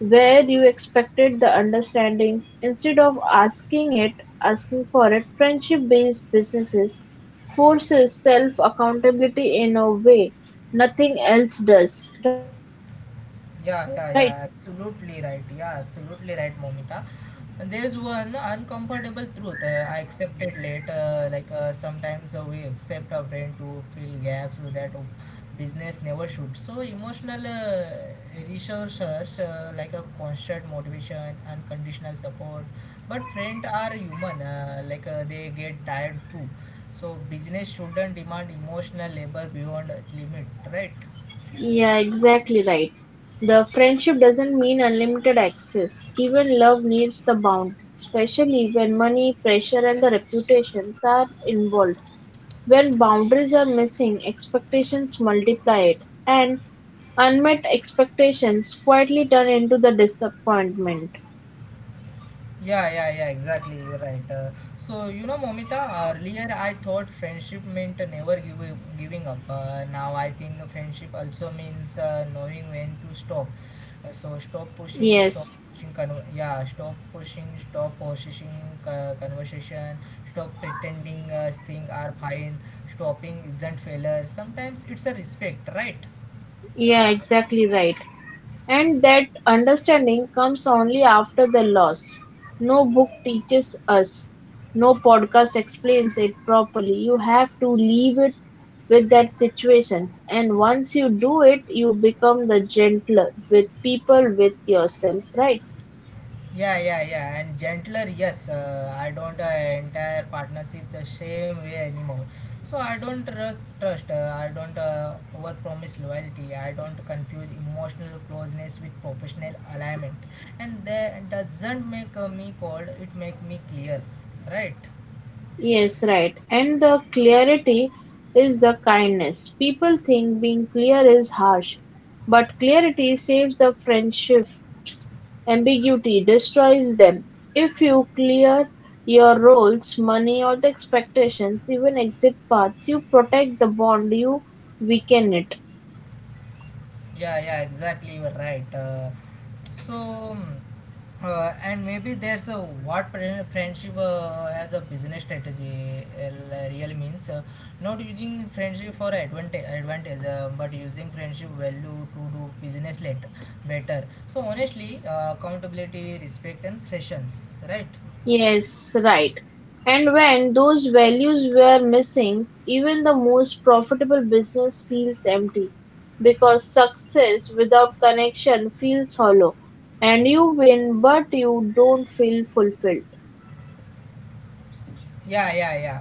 S2: where you expected the understandings instead of asking it, asking for it. Friendship-based businesses forces self-accountability in a way nothing else does, right?
S1: Yeah, yeah, yeah, absolutely right. Yeah, absolutely right, Momita. And there's one uncomfortable truth uh, I accepted late. Uh, like uh, sometimes uh, we accept our brain to fill gaps so that uh, business never should. So emotional uh, resources, uh, like a constant motivation, unconditional support. But friends are human. Uh, like uh, they get tired too. So business shouldn't demand emotional labor beyond limit, right?
S2: Yeah, exactly right. The friendship doesn't mean unlimited access. Even love needs the bound, especially when money, pressure, and the reputations are involved. When boundaries are missing, expectations multiply it, and unmet expectations quietly turn into the disappointment.
S1: Yeah, yeah, yeah, exactly. You're right. Uh, so, you know, Momita, earlier I thought friendship meant never give, giving up. Uh, now I think friendship also means uh, knowing when to stop. Uh, so, stop pushing, stop
S2: Yes,
S1: pushing, con- yeah, stop pushing, stop pushing uh, conversation, stop pretending uh, things are fine, stopping isn't failure. Sometimes it's a respect, right?
S2: yeah, exactly right. And that understanding comes only after the loss. No book teaches us, no podcast explains it properly. You have to leave it with that situations and once you do it you become the gentler with people with yourself, right?
S1: Yeah, yeah, yeah, and gentler. Yes, uh, I don't uh, entire partnership the same way anymore. So I don't trust trust. Uh, I don't uh, overpromise loyalty. I don't confuse emotional closeness with professional alignment, and that doesn't make uh, me cold. It make me clear, right?
S2: Yes, right. And the clarity is the kindness. People think being clear is harsh, but clarity saves the friendships. Ambiguity destroys them. If you clear your roles, money, or the expectations, even exit paths, you protect the bond, you weaken it.
S1: Yeah, yeah, exactly. You are right. Uh, so, mm, uh, and maybe there's a what pre- friendship uh, as a business strategy uh, really means, uh, not using friendship for advantage, advantage, uh, but using friendship value to do business later, better. So, honestly, uh, accountability, respect, and freshness, right?
S2: Yes, right. And when those values were missing, even the most profitable business feels empty because success without connection feels hollow. And you win, but you don't feel fulfilled.
S1: Yeah, yeah, yeah.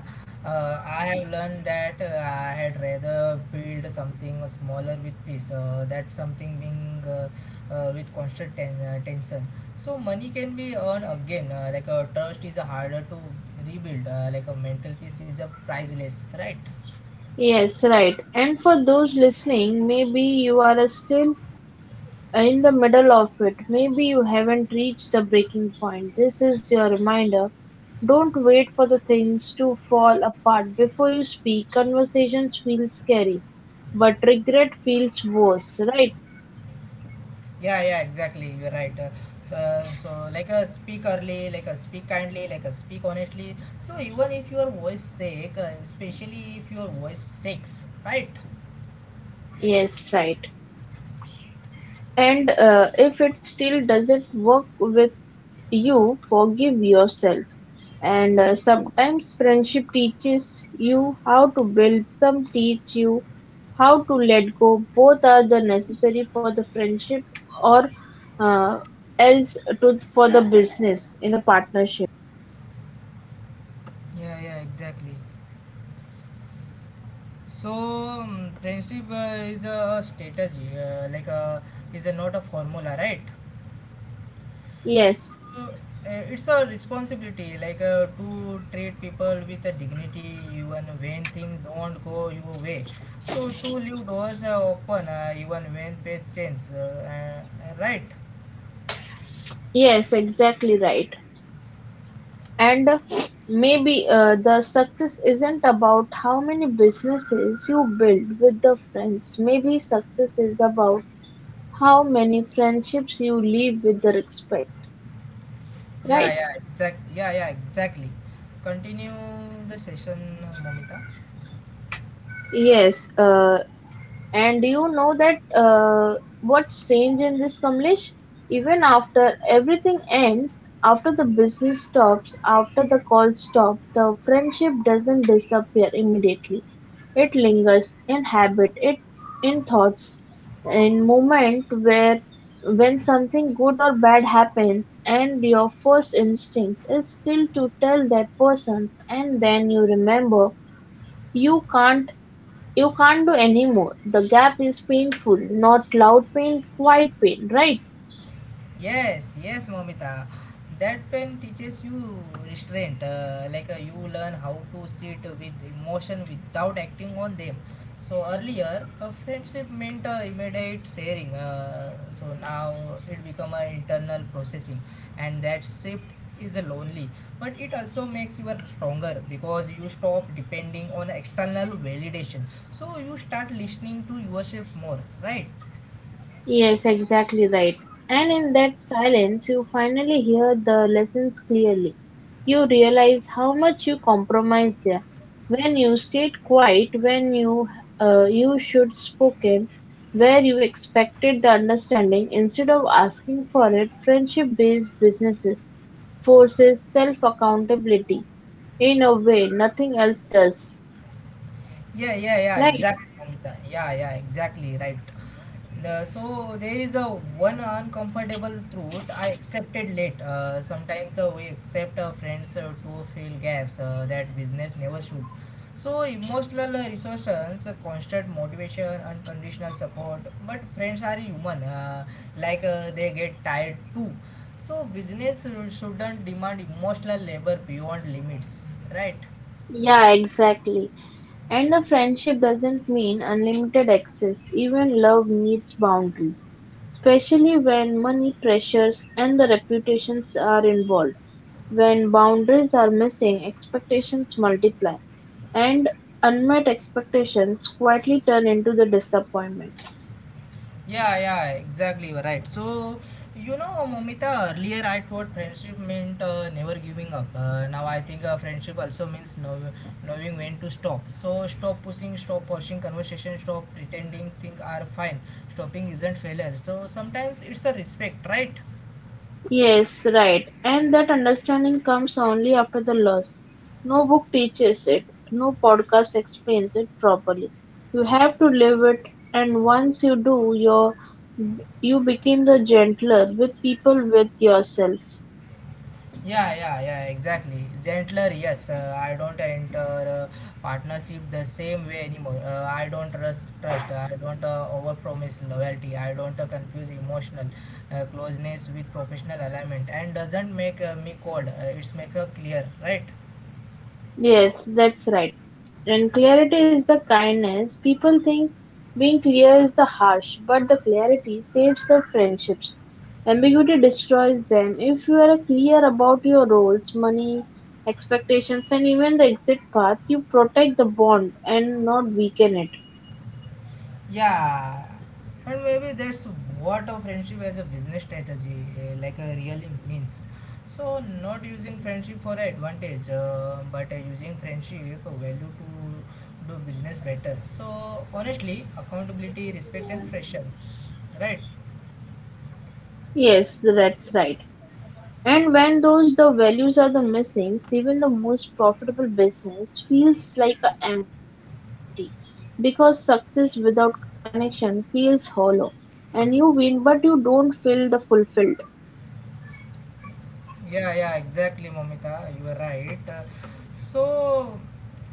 S1: Uh, I have learned that uh, I had rather build something smaller with peace. Uh, that something being uh, uh, with constant ten uh, tension. So money can be earned again. Uh, like uh, trust is harder to rebuild. Uh, like a mental peace is a priceless, right?
S2: Yes, right. And for those listening, maybe you are still in the middle of it. Maybe you haven't reached the breaking point. This is your reminder. Don't wait for the things to fall apart before you speak. Conversations feel scary, but regret feels worse, right?
S1: Yeah, yeah, exactly. You're right. Uh, so, so like a speak early, like a speak kindly, like a speak honestly. So even if your voice sick, uh, especially if your voice shakes, right?
S2: Yes, right. And uh, if it still doesn't work with you, forgive yourself. And uh, sometimes friendship teaches you how to build, some teach you how to let go. Both are the necessary for the friendship or uh, else to for the business in a partnership.
S1: Yeah, yeah, exactly. So um, friendship uh, is a strategy, uh, like a is a not a formula, right?
S2: Yes,
S1: So uh, it's a responsibility, like uh, to treat people with a dignity even when things don't go your way. So to leave doors uh, open uh, even when faith changes, uh, uh, uh, right?
S2: yes, exactly right. And maybe uh, the success isn't about how many businesses you build with the friends. Maybe success is about how many friendships you leave with the respect, right?
S1: Yeah, yeah, exact. Yeah, yeah, exactly. Continue the session, Momita.
S2: Yes, uh, and do you know that uh, what's strange in this, Kamlesh? Even after everything ends, after the business stops, after the calls stop, the friendship doesn't disappear immediately. It lingers in habit, it in thoughts, in moment where when something good or bad happens, and your first instinct is still to tell that person, and then you remember you can't you can't do any more. The gap is painful, not loud pain, quiet pain, right?
S1: Yes, yes, Momita. That pen teaches you restraint. Uh, like uh, you learn how to sit with emotion without acting on them. So earlier, a friendship meant uh, immediate sharing. Uh, so now it become an internal processing, and that shift is lonely. But it also makes you stronger because you stop depending on external validation. So you start listening to yourself more, right?
S2: Yes, exactly right. And in that silence, you finally hear the lessons clearly. You realize how much you compromised there. When you stayed quiet, when you uh, you should spoken, where you expected the understanding instead of asking for it, friendship-based businesses forces self-accountability in a way nothing else does.
S1: Yeah, yeah, yeah,
S2: Right.
S1: exactly, Momita. Yeah, yeah, exactly, right. The, so there is a one uncomfortable truth I accepted late. Uh, sometimes uh, we accept our friends uh, to fill gaps uh, that business never should. So emotional uh, resources, uh, constant motivation, unconditional support. But friends are human. Uh, like uh, they get tired too. So business should- shouldn't demand emotional labor beyond limits, right?
S2: Yeah, exactly. And a friendship doesn't mean unlimited access. Even love needs boundaries, especially when money pressures and the reputations are involved. When boundaries are missing, expectations multiply, and unmet expectations quietly turn into the disappointment.
S1: Yeah, yeah, exactly. You're right. So, you know, Momita, earlier I thought friendship meant uh, never giving up. Uh, now I think uh, friendship also means know, knowing when to stop. So, stop pushing, stop pushing conversation, stop pretending things are fine. Stopping isn't failure. So, sometimes it's a respect, right?
S2: Yes, right. And that understanding comes only after the loss. No book teaches it, no podcast explains it properly. You have to live it, and once you do, your you became the gentler with people with yourself.
S1: Yeah, yeah, yeah, exactly. Gentler, yes. Uh, I don't enter uh, partnership the same way anymore. Uh, I don't trust, trust. I don't uh, overpromise loyalty. I don't uh, confuse emotional uh, closeness with professional alignment. And doesn't make uh, me cold. Uh, it's make her clear, right?
S2: Yes, that's right. And clarity is the kindness. People think being clear is the harsh, but the clarity saves the friendships. Ambiguity destroys them. If you are clear about your roles, money, expectations, and even the exit path, you protect the bond and not weaken it.
S1: Yeah, and maybe that's what a friendship as a business strategy uh, like a really means. So not using friendship for advantage, uh, but uh, using friendship uh, value to do business better. So honestly, accountability, respect, and pressure, right?
S2: Yes, that's right. And when those the values are the missing, even the most profitable business feels like a empty because success without connection feels hollow and you win but you don't feel the fulfilled.
S1: Yeah, yeah, exactly, Momita. You are right. Uh, so.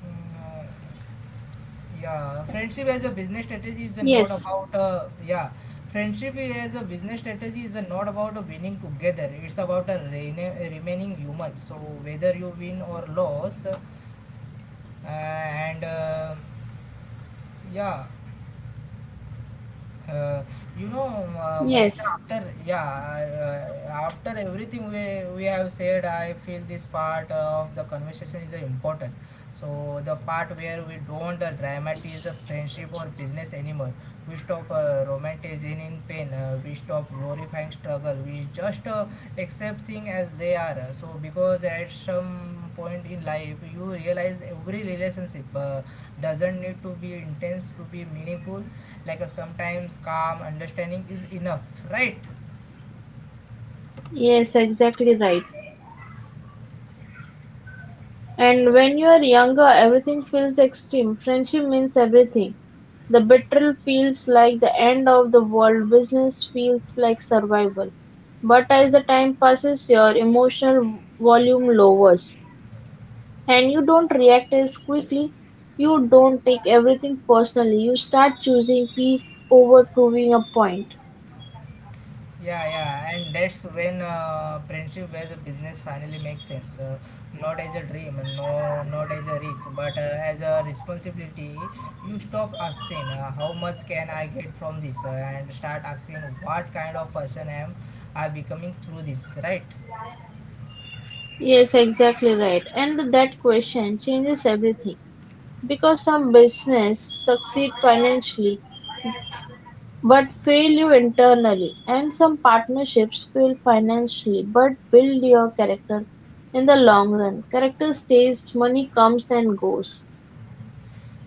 S1: mm, Yeah, friendship as a
S2: Yes,
S1: business strategy is not about uh, yeah, friendship as a business strategy is not about winning together. It's about a rene- remaining human. So whether you win or lose, uh, and uh, yeah, uh, you know, uh,
S2: yes,
S1: Momita. After yeah, uh, after everything we we have said, I feel this part of the conversation is uh, important. So the part where we don't uh, dramatize a friendship or business anymore. We stop uh, romanticizing pain. Uh, we stop glorifying struggle. We just uh, accept things as they are. So because at some point in life you realize every relationship uh, doesn't need to be intense to be meaningful. Like uh, sometimes calm understanding is enough, right?
S2: yes, exactly right. And when you're younger, everything feels extreme. Friendship means everything. The betrayal feels like the end of the world, business feels like survival. But as the time passes, your emotional volume lowers and you don't react as quickly. You don't take everything personally. You start choosing peace over proving a point.
S1: Yeah, yeah, and that's when uh, friendship as a business finally makes sense. Uh, not as a dream, no, not as a risk, but uh, as a responsibility. You stop asking uh, how much can I get from this, uh, and start asking, what kind of person am I becoming through this, right?
S2: Yes, exactly right. And that question changes everything because some business succeed financially but fail you internally. And some partnerships fail financially but build your character in the long run. Character stays, money comes and goes.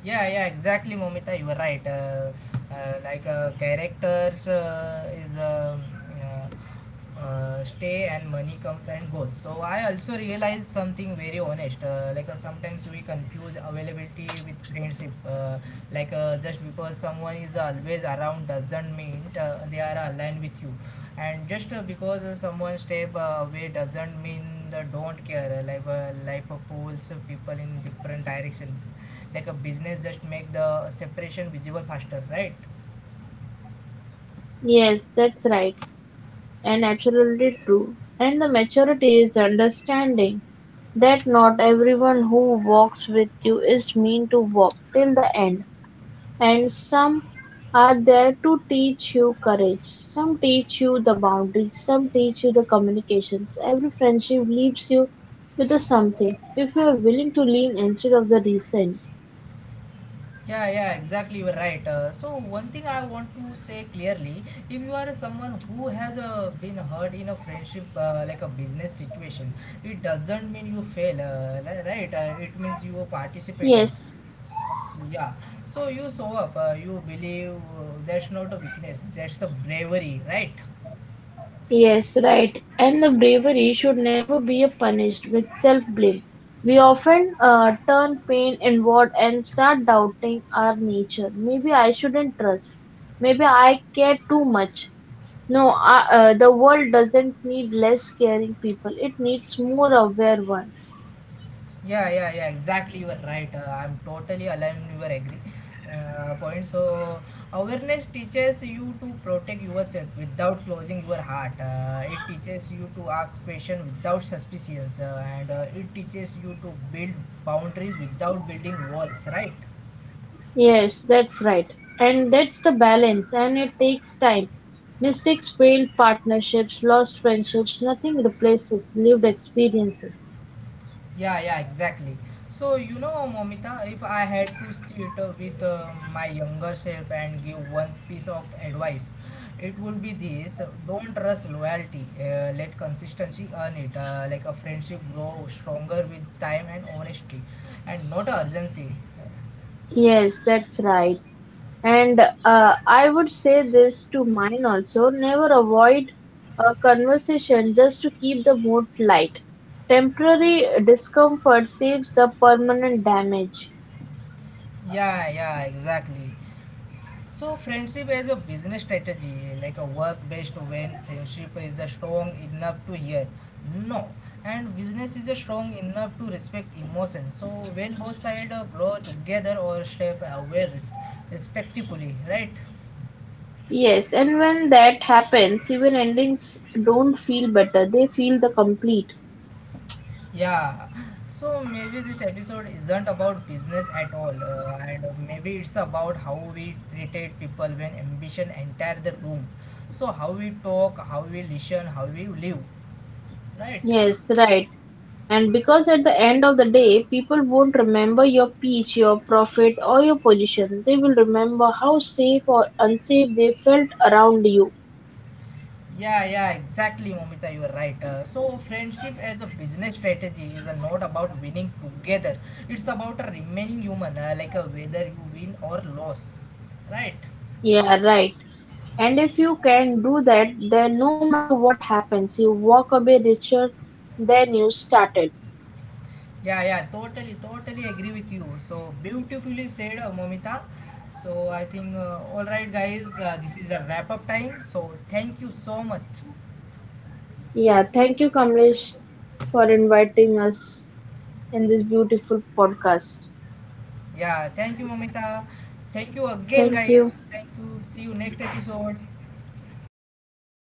S1: Yeah, yeah, exactly, Momita. You are right. Uh, uh, like uh, characters uh, is um, uh, uh, stay, and money comes and goes. So I also realized something very honest. Uh, like uh, sometimes we confuse availability with friendship. Uh, like uh, just because someone is always around doesn't mean uh, they are aligned with you. And just uh, because uh, someone step uh, away doesn't mean they don't care. Uh, Like uh, life uh, pulls people in different direction, like a business just make the separation visible faster, right?
S2: Yes, that's right, and absolutely true. And the maturity is understanding that not everyone who walks with you is mean to walk till the end. And some are there to teach you courage, some teach you the boundaries, some teach you the communications. Every friendship leaves you with a something if you are willing to lean instead of the resent.
S1: Yeah, yeah, exactly, you're right. Uh, so, one thing I want to say clearly, if you are someone who has uh, been hurt in a friendship uh, like a business situation, it doesn't mean you fail uh, li- right, uh, it means you participated.
S2: Yes,
S1: S- yeah, so you show up, uh, you believe uh, that's not a weakness, that's a bravery, right?
S2: yes, right. And the bravery should never be a punished with self blame. We often uh, turn pain inward and start doubting our nature. Maybe I shouldn't trust. Maybe I care too much. No, uh, uh, the world doesn't need less caring people. It needs more aware ones.
S1: Yeah, yeah, yeah, exactly. You are right. Uh, I'm totally aligned you your agree uh, point. So, awareness teaches you to protect yourself without closing your heart. Uh, it teaches you to ask questions without suspicions, uh, and uh, it teaches you to build boundaries without building walls, right?
S2: Yes, that's right. And that's the balance, and it takes time. Mistakes, failed partnerships, lost friendships, nothing replaces lived experiences.
S1: Yeah, yeah, exactly. So, you know, Momita, if I had to sit uh, with uh, my younger self and give one piece of advice, it would be this: don't rush loyalty, uh, let consistency earn it. Uh, like a friendship grow stronger with time and honesty, and not urgency.
S2: Yes, that's right. And uh, I would say this to mine also never avoid a conversation just to keep the mood light. Temporary discomfort saves the permanent damage.
S1: Yeah, yeah, exactly. So friendship as a business strategy, like a work-based when friendship is a strong enough to hear no, and business is a strong enough to respect emotion. So when both sides uh, grow together or shape aware res- respectfully, right?
S2: Yes, and when that happens, even endings don't feel better. They feel the complete.
S1: Yeah. So maybe this episode isn't about business at all, uh, and maybe it's about how we treated people when ambition entered the room. So how we talk, how we listen, how we live, right?
S2: Yes, right. And because at the end of the day, people won't remember your peach, your profit, or your position. They will remember how safe or unsafe they felt around you.
S1: Yeah, yeah, exactly, Momita. You are right. Uh, so, friendship as a business strategy is uh, not about winning together. It's about uh, remaining human, uh, like uh, whether you win or lose, right?
S2: Yeah, right. And if you can do that, then no matter what happens, you walk away richer than you started.
S1: Yeah, yeah, totally, totally agree with you. So beautifully said, uh, Momita. So I think uh, all right, guys. Uh, this is a wrap up time. So thank you so much.
S2: Yeah, thank you, Kamlesh, for inviting us in this beautiful podcast.
S1: Yeah, thank you, Momita. Thank you again,
S2: Thank you.
S1: guys. Thank you. See you next episode.
S2: Yes.